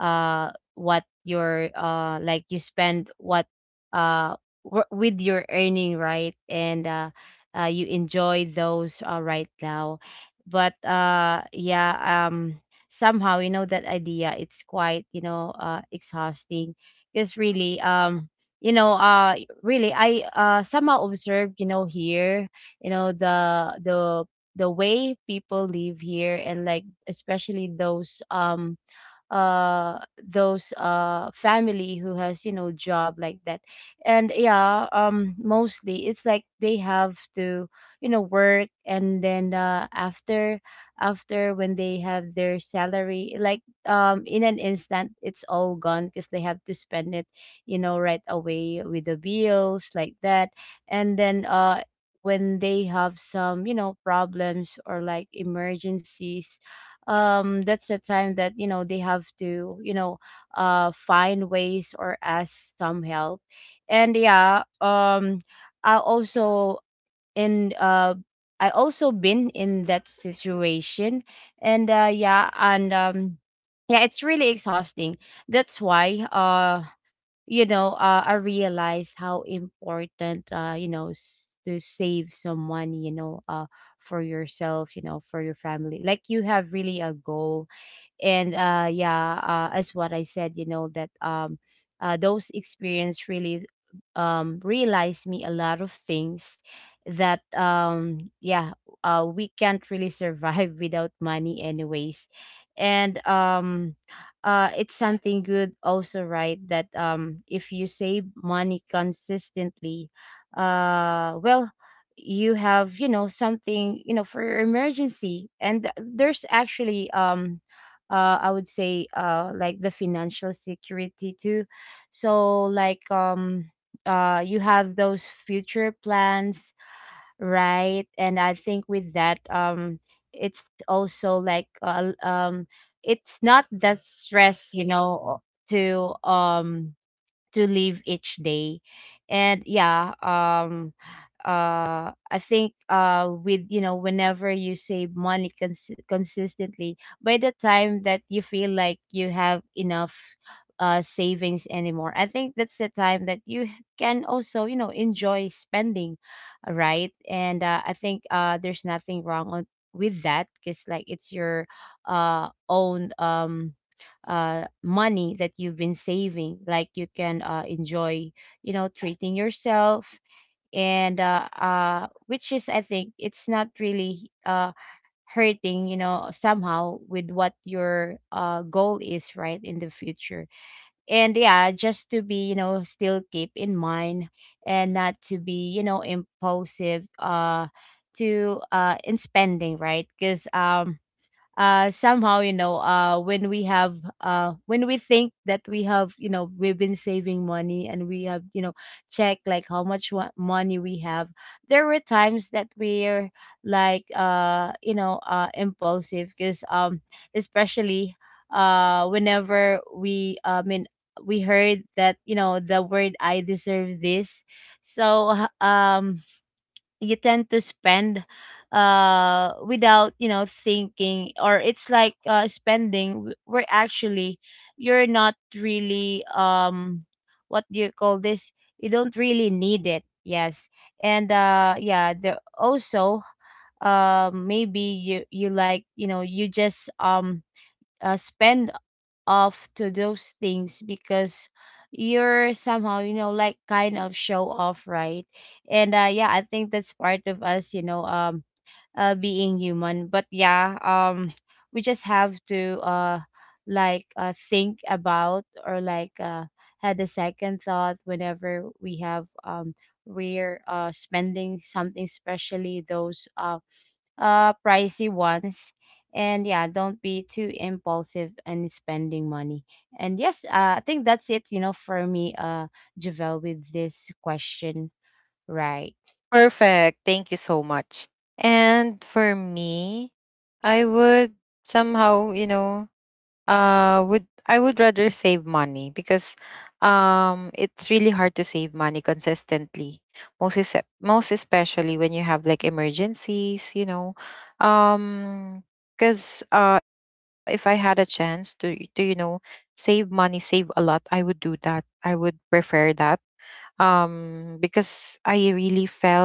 [SPEAKER 2] what you're, like you spend what, uh, with your earning, right? And, you enjoy those, right now. But, yeah, somehow, you know, that idea, it's quite, you know, exhausting, because really, you know, really, somehow observed, you know, here, you know, the way people live here, and like especially those family who has, you know, job like that. And yeah, mostly it's like they have to, you know, work and then after when they have their salary, like, in an instant it's all gone because they have to spend it, you know, right away with the bills like that. And then when they have some, you know, problems or like emergencies, that's the time that, you know, they have to, find ways or ask some help. And yeah, i also in uh I also been in that situation. And yeah, and yeah, it's really exhausting. That's why, you know, I realize how important, you know, to save some money, you know, for yourself, you know, for your family. Like you have really a goal. And yeah, as what I said, you know, that those experience really realized me a lot of things, that yeah, we can't really survive without money anyways. And it's something good also, right, that if you save money consistently, well, you have, you know, something, you know, for your emergency. And there's actually I would say, like the financial security too. So like, you have those future plans, right? And I think with that, it's also like, it's not the stress, you know, to um to live each day. And yeah, I think, with, you know, whenever you save money consistently, by the time that you feel like you have enough savings anymore, I think that's the time that you can also, you know, enjoy spending. Right. And I think there's nothing wrong on, with that, because like it's your own money that you've been saving. Like you can enjoy, you know, treating yourself. And which is, I think it's not really hurting, you know, somehow with what your goal is, right, in the future. And yeah, just to be, you know, still keep in mind, and not to be, you know, impulsive, to in spending, right, because somehow, you know, when we think that we have, you know, we've been saving money and we have, you know, checked like how much money we have, there were times that we're like, you know, impulsive, because especially, whenever we, I mean, we heard that, you know, the word, "I deserve this," so you tend to spend without, you know, thinking, or it's like spending where actually you're not really, what do you call this, you don't really need it. Yes. And yeah, the also, maybe you, like, you know, you just, spend off to those things because you're somehow, you know, like, kind of show off, right. And yeah, I think that's part of us, you know, being human. But yeah, we just have to, like, think about, or like had a second thought whenever we have, we're spending something, especially those pricey ones. And yeah, don't be too impulsive in spending money. And yes, I think that's it, you know, for me, Javel, with this question. Right.
[SPEAKER 1] Perfect. Thank you so much. And for me, I would somehow, you know, would I would rather save money, because it's really hard to save money consistently. most is, Most especially when you have like emergencies, you know. um because if I had a chance to you know, save money, save a lot, I would do that. I would prefer that. Because I really felt,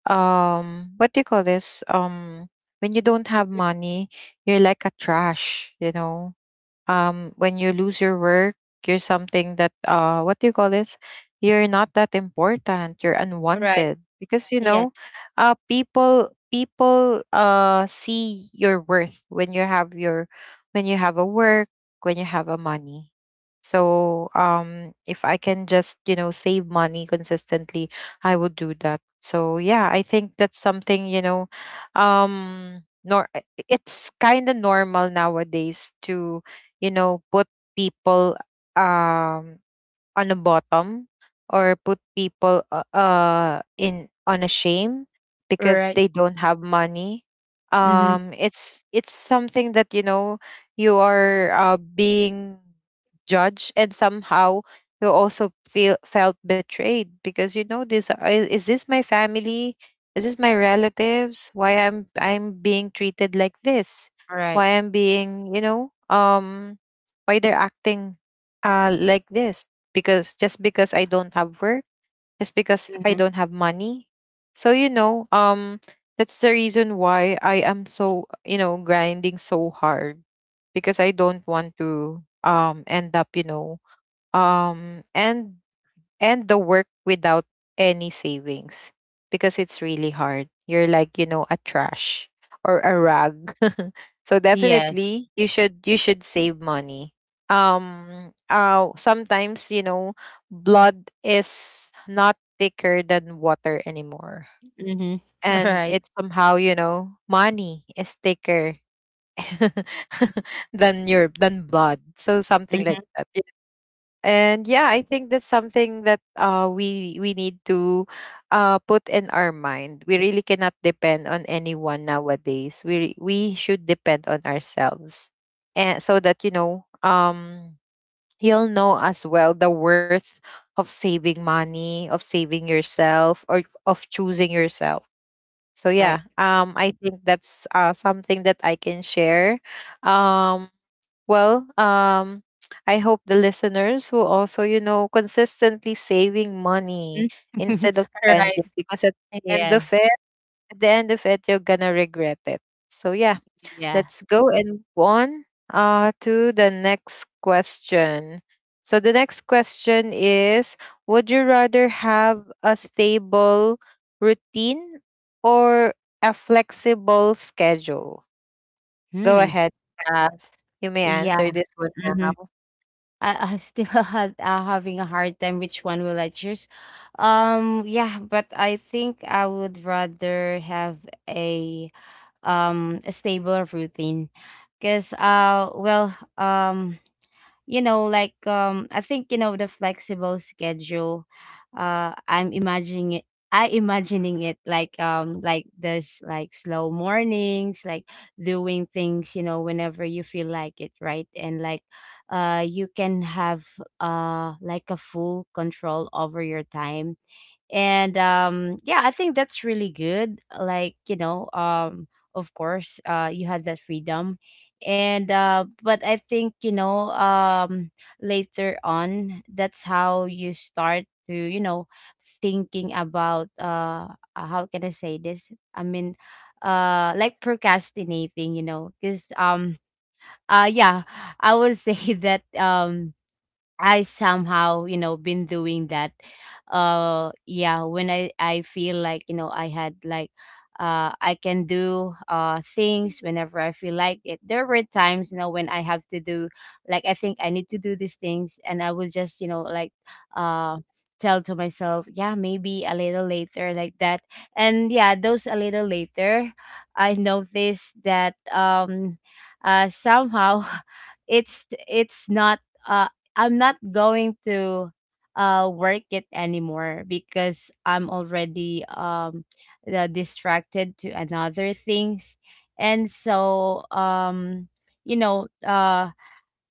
[SPEAKER 1] what do you call this, when you don't have
[SPEAKER 2] Mhm.
[SPEAKER 1] money, you're like a trash, you know. When you lose your work, you're something that, what do you call this, you're not that important, you're
[SPEAKER 2] Right.
[SPEAKER 1] unwanted, because you
[SPEAKER 2] Yes.
[SPEAKER 1] know, people see your worth when you have your, when you have a work, when you have a money. So if I can just, you know, save money consistently, I would do that. So yeah, I think that's something, you know, nor it's kind of normal nowadays to, you know, put people um on the bottom, or put people, in on a shame, because
[SPEAKER 2] Right.
[SPEAKER 1] they don't have money.
[SPEAKER 2] Mm-hmm.
[SPEAKER 1] It's something that, you know, you are being judged, and somehow you also feel felt betrayed, because you know, this is this my family, is this my relatives, why I'm being treated like this,
[SPEAKER 2] Right.
[SPEAKER 1] why I'm being, you know, why they're acting like this, because just because I don't have work, just because I
[SPEAKER 2] Mm-hmm.
[SPEAKER 1] don't have money. So you know, that's the reason why I am so, you know, grinding so hard, because I don't want to end up, you know, um and and the work without any savings, because it's really hard. You're like, you know, a trash or a rag. So
[SPEAKER 2] Yes.
[SPEAKER 1] definitely you should, you should save money. Sometimes, you know, blood is not thicker than water anymore.
[SPEAKER 2] Mm-hmm.
[SPEAKER 1] And
[SPEAKER 2] Right.
[SPEAKER 1] it's somehow, you know, money is thicker than your, than blood. So something
[SPEAKER 2] Mm-hmm.
[SPEAKER 1] like that. And yeah, I think that's something that, we need to put in our mind. We really cannot depend on anyone nowadays. We should depend on ourselves, and so that, you know, you'll know as well the worth of saving money, of saving yourself, or of choosing yourself. So
[SPEAKER 2] Right.
[SPEAKER 1] yeah, I think that's something that I can share. um well, um, I hope the listeners will also, you know, consistently saving money
[SPEAKER 2] Mhm.
[SPEAKER 1] instead of
[SPEAKER 2] Right.
[SPEAKER 1] spending, because at the end of
[SPEAKER 2] Yes.
[SPEAKER 1] it, at the end of it, you're gonna regret it. So yeah,
[SPEAKER 2] Yeah.
[SPEAKER 1] let's go and move on to the next question. So the next question is, would you rather have a stable routine, or a flexible schedule? Go
[SPEAKER 2] Hmm.
[SPEAKER 1] ahead, Kath. You may
[SPEAKER 2] Yeah.
[SPEAKER 1] answer this one
[SPEAKER 2] Hmm.
[SPEAKER 1] now.
[SPEAKER 2] I still had, having a hard time which one will I choose. Yeah, but I think I would rather have a a stable routine, cuz, well, you know, like, I think, you know, the flexible schedule, uh i'm imagining it I imagining it like, like this, like slow mornings, like doing things, you know, whenever you feel like it, right, and like, you can have like a full control over your time. And yeah, I think that's really good, like, you know, of course, you had that freedom. And but I think, you know, later on that's how you start to, you know, thinking about, how can I say this, I mean, like procrastinating, you know, because yeah, I would say that I somehow, you know, been doing that. Yeah, when I feel like, you know, I had like, I can do things whenever I feel like it. There were times, you know, when I have to do, like I think I need to do these things, and I was just, you know, like, uh tell to myself, yeah, maybe a little later like that. And yeah, those a little later, I noticed that somehow it's not, uh, I'm not going to work it anymore because I'm already, distracted to another things. And so, you know,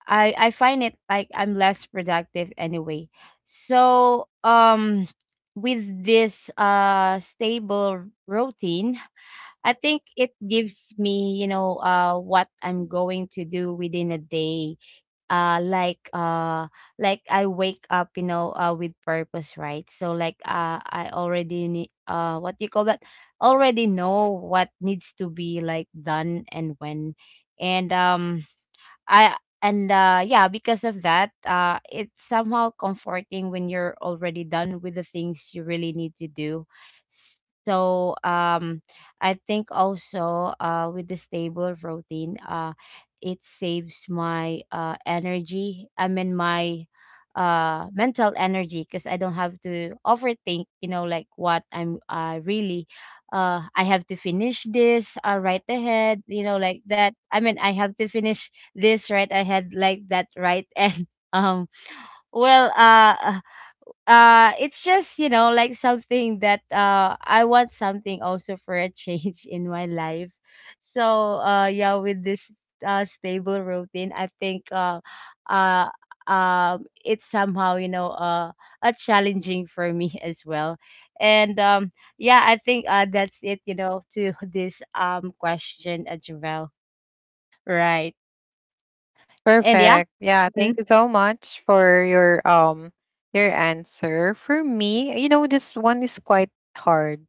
[SPEAKER 2] I find it like I'm less productive anyway. So, with this stable routine, I think it gives me, you know, what I'm going to do within a day, like, like I wake up, you know, with purpose, right, so like, I already need, what do you call that, already know what needs to be like done and when. And I and yeah, because of that, it's somehow comforting when you're already done with the things you really need to do. So, I think also, with the stable routine, it saves my energy. I mean my mental energy, because I don't have to overthink, you know, like what I'm really, I have to finish this, right ahead, you know, like that. I mean, I have to finish this right, I had like that, right, and um well, it's just, you know, like something that I want something also for a change in my life. So, yeah, with this stable routine, I think, uh it's somehow, you know, a challenging for me as well. And yeah, I think that's it, you know, to this question as well. Right. And yeah.
[SPEAKER 1] Perfect. Yeah, thank you so much for your answer. For me, you know, this one is quite hard,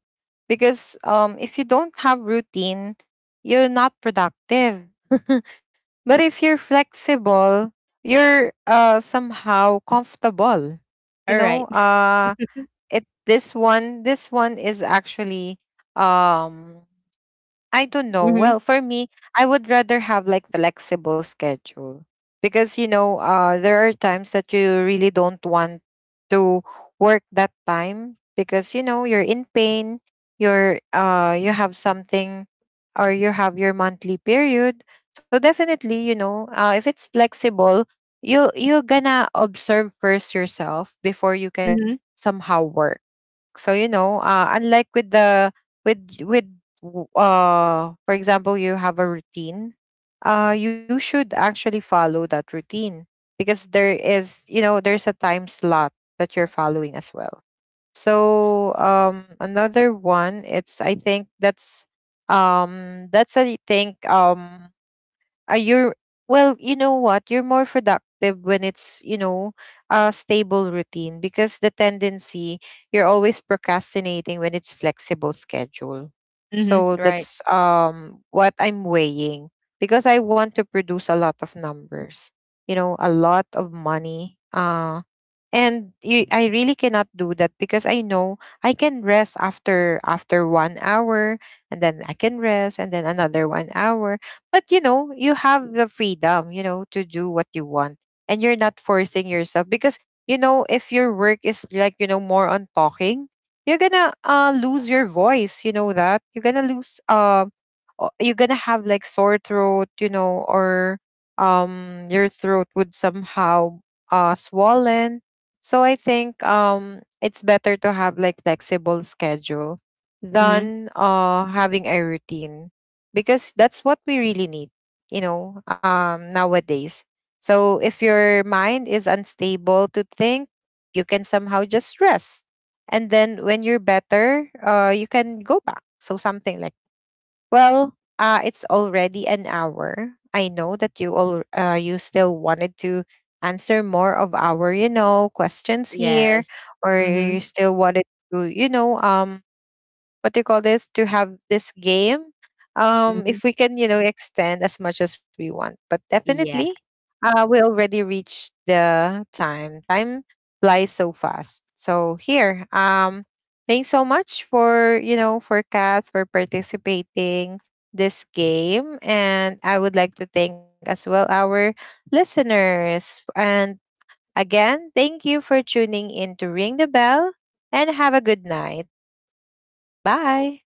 [SPEAKER 1] because if you don't have routine, you're not productive. But if you're flexible, you're somehow comfortable. You
[SPEAKER 2] Alright.
[SPEAKER 1] know, it this one, this one is actually um I don't know.
[SPEAKER 2] Mhm,
[SPEAKER 1] Well, for me, I would rather have like flexible schedule, because you know, there are times that you really don't want to work that time, because you know, you're in pain, you're you have something, or you have your monthly period. So definitely, you know, if it's flexible, you're gonna observe first yourself before you can
[SPEAKER 2] mhm,
[SPEAKER 1] somehow work. So you know, unlike with the, with with for example, you have a routine, you should actually follow that routine, because there is, you know, there's a time slot that you're following as well. So another one, it's, I think that's that's, I think, are you, well, you know what? You're more productive when it's, you know, a stable routine, because the tendency, you're always procrastinating when it's flexible schedule.
[SPEAKER 2] mhm,
[SPEAKER 1] So
[SPEAKER 2] right.
[SPEAKER 1] that's what I'm weighing, because I want to produce a lot of numbers, you know, a lot of money. And you, I really cannot do that, because I know I can rest after, 1 hour, and then I can rest, and then another 1 hour. But you know, you have the freedom, you know, to do what you want, and you're not forcing yourself, because you know, if your work is like, you know, more on talking, you're gonna lose your voice, you know that? You're gonna lose you're gonna have like sore throat, you know, or your throat would somehow swollen. So I think it's better to have like flexible schedule
[SPEAKER 2] Mhm.
[SPEAKER 1] than having a routine, because that's what we really need, you know, nowadays. So if your mind is unstable to think, you can somehow just rest. And then when you're better, you can go back. So something like, well, it's already an hour. I know that you all, you still wanted to answer more of our, you know, questions here,
[SPEAKER 2] Yes.
[SPEAKER 1] or
[SPEAKER 2] Mhm,
[SPEAKER 1] you still wanted to, you know, what do you call this, to have this game.
[SPEAKER 2] mhm.
[SPEAKER 1] If we can, you know, extend as much as we want, but definitely
[SPEAKER 2] Yes.
[SPEAKER 1] we already reached the time. Time flies so fast. So here, thanks so much for, you know, for Kath for participating this game. And I would like to thank as well our listeners. And again, thank you for tuning in to Ring the Bell, and have a good night. Bye.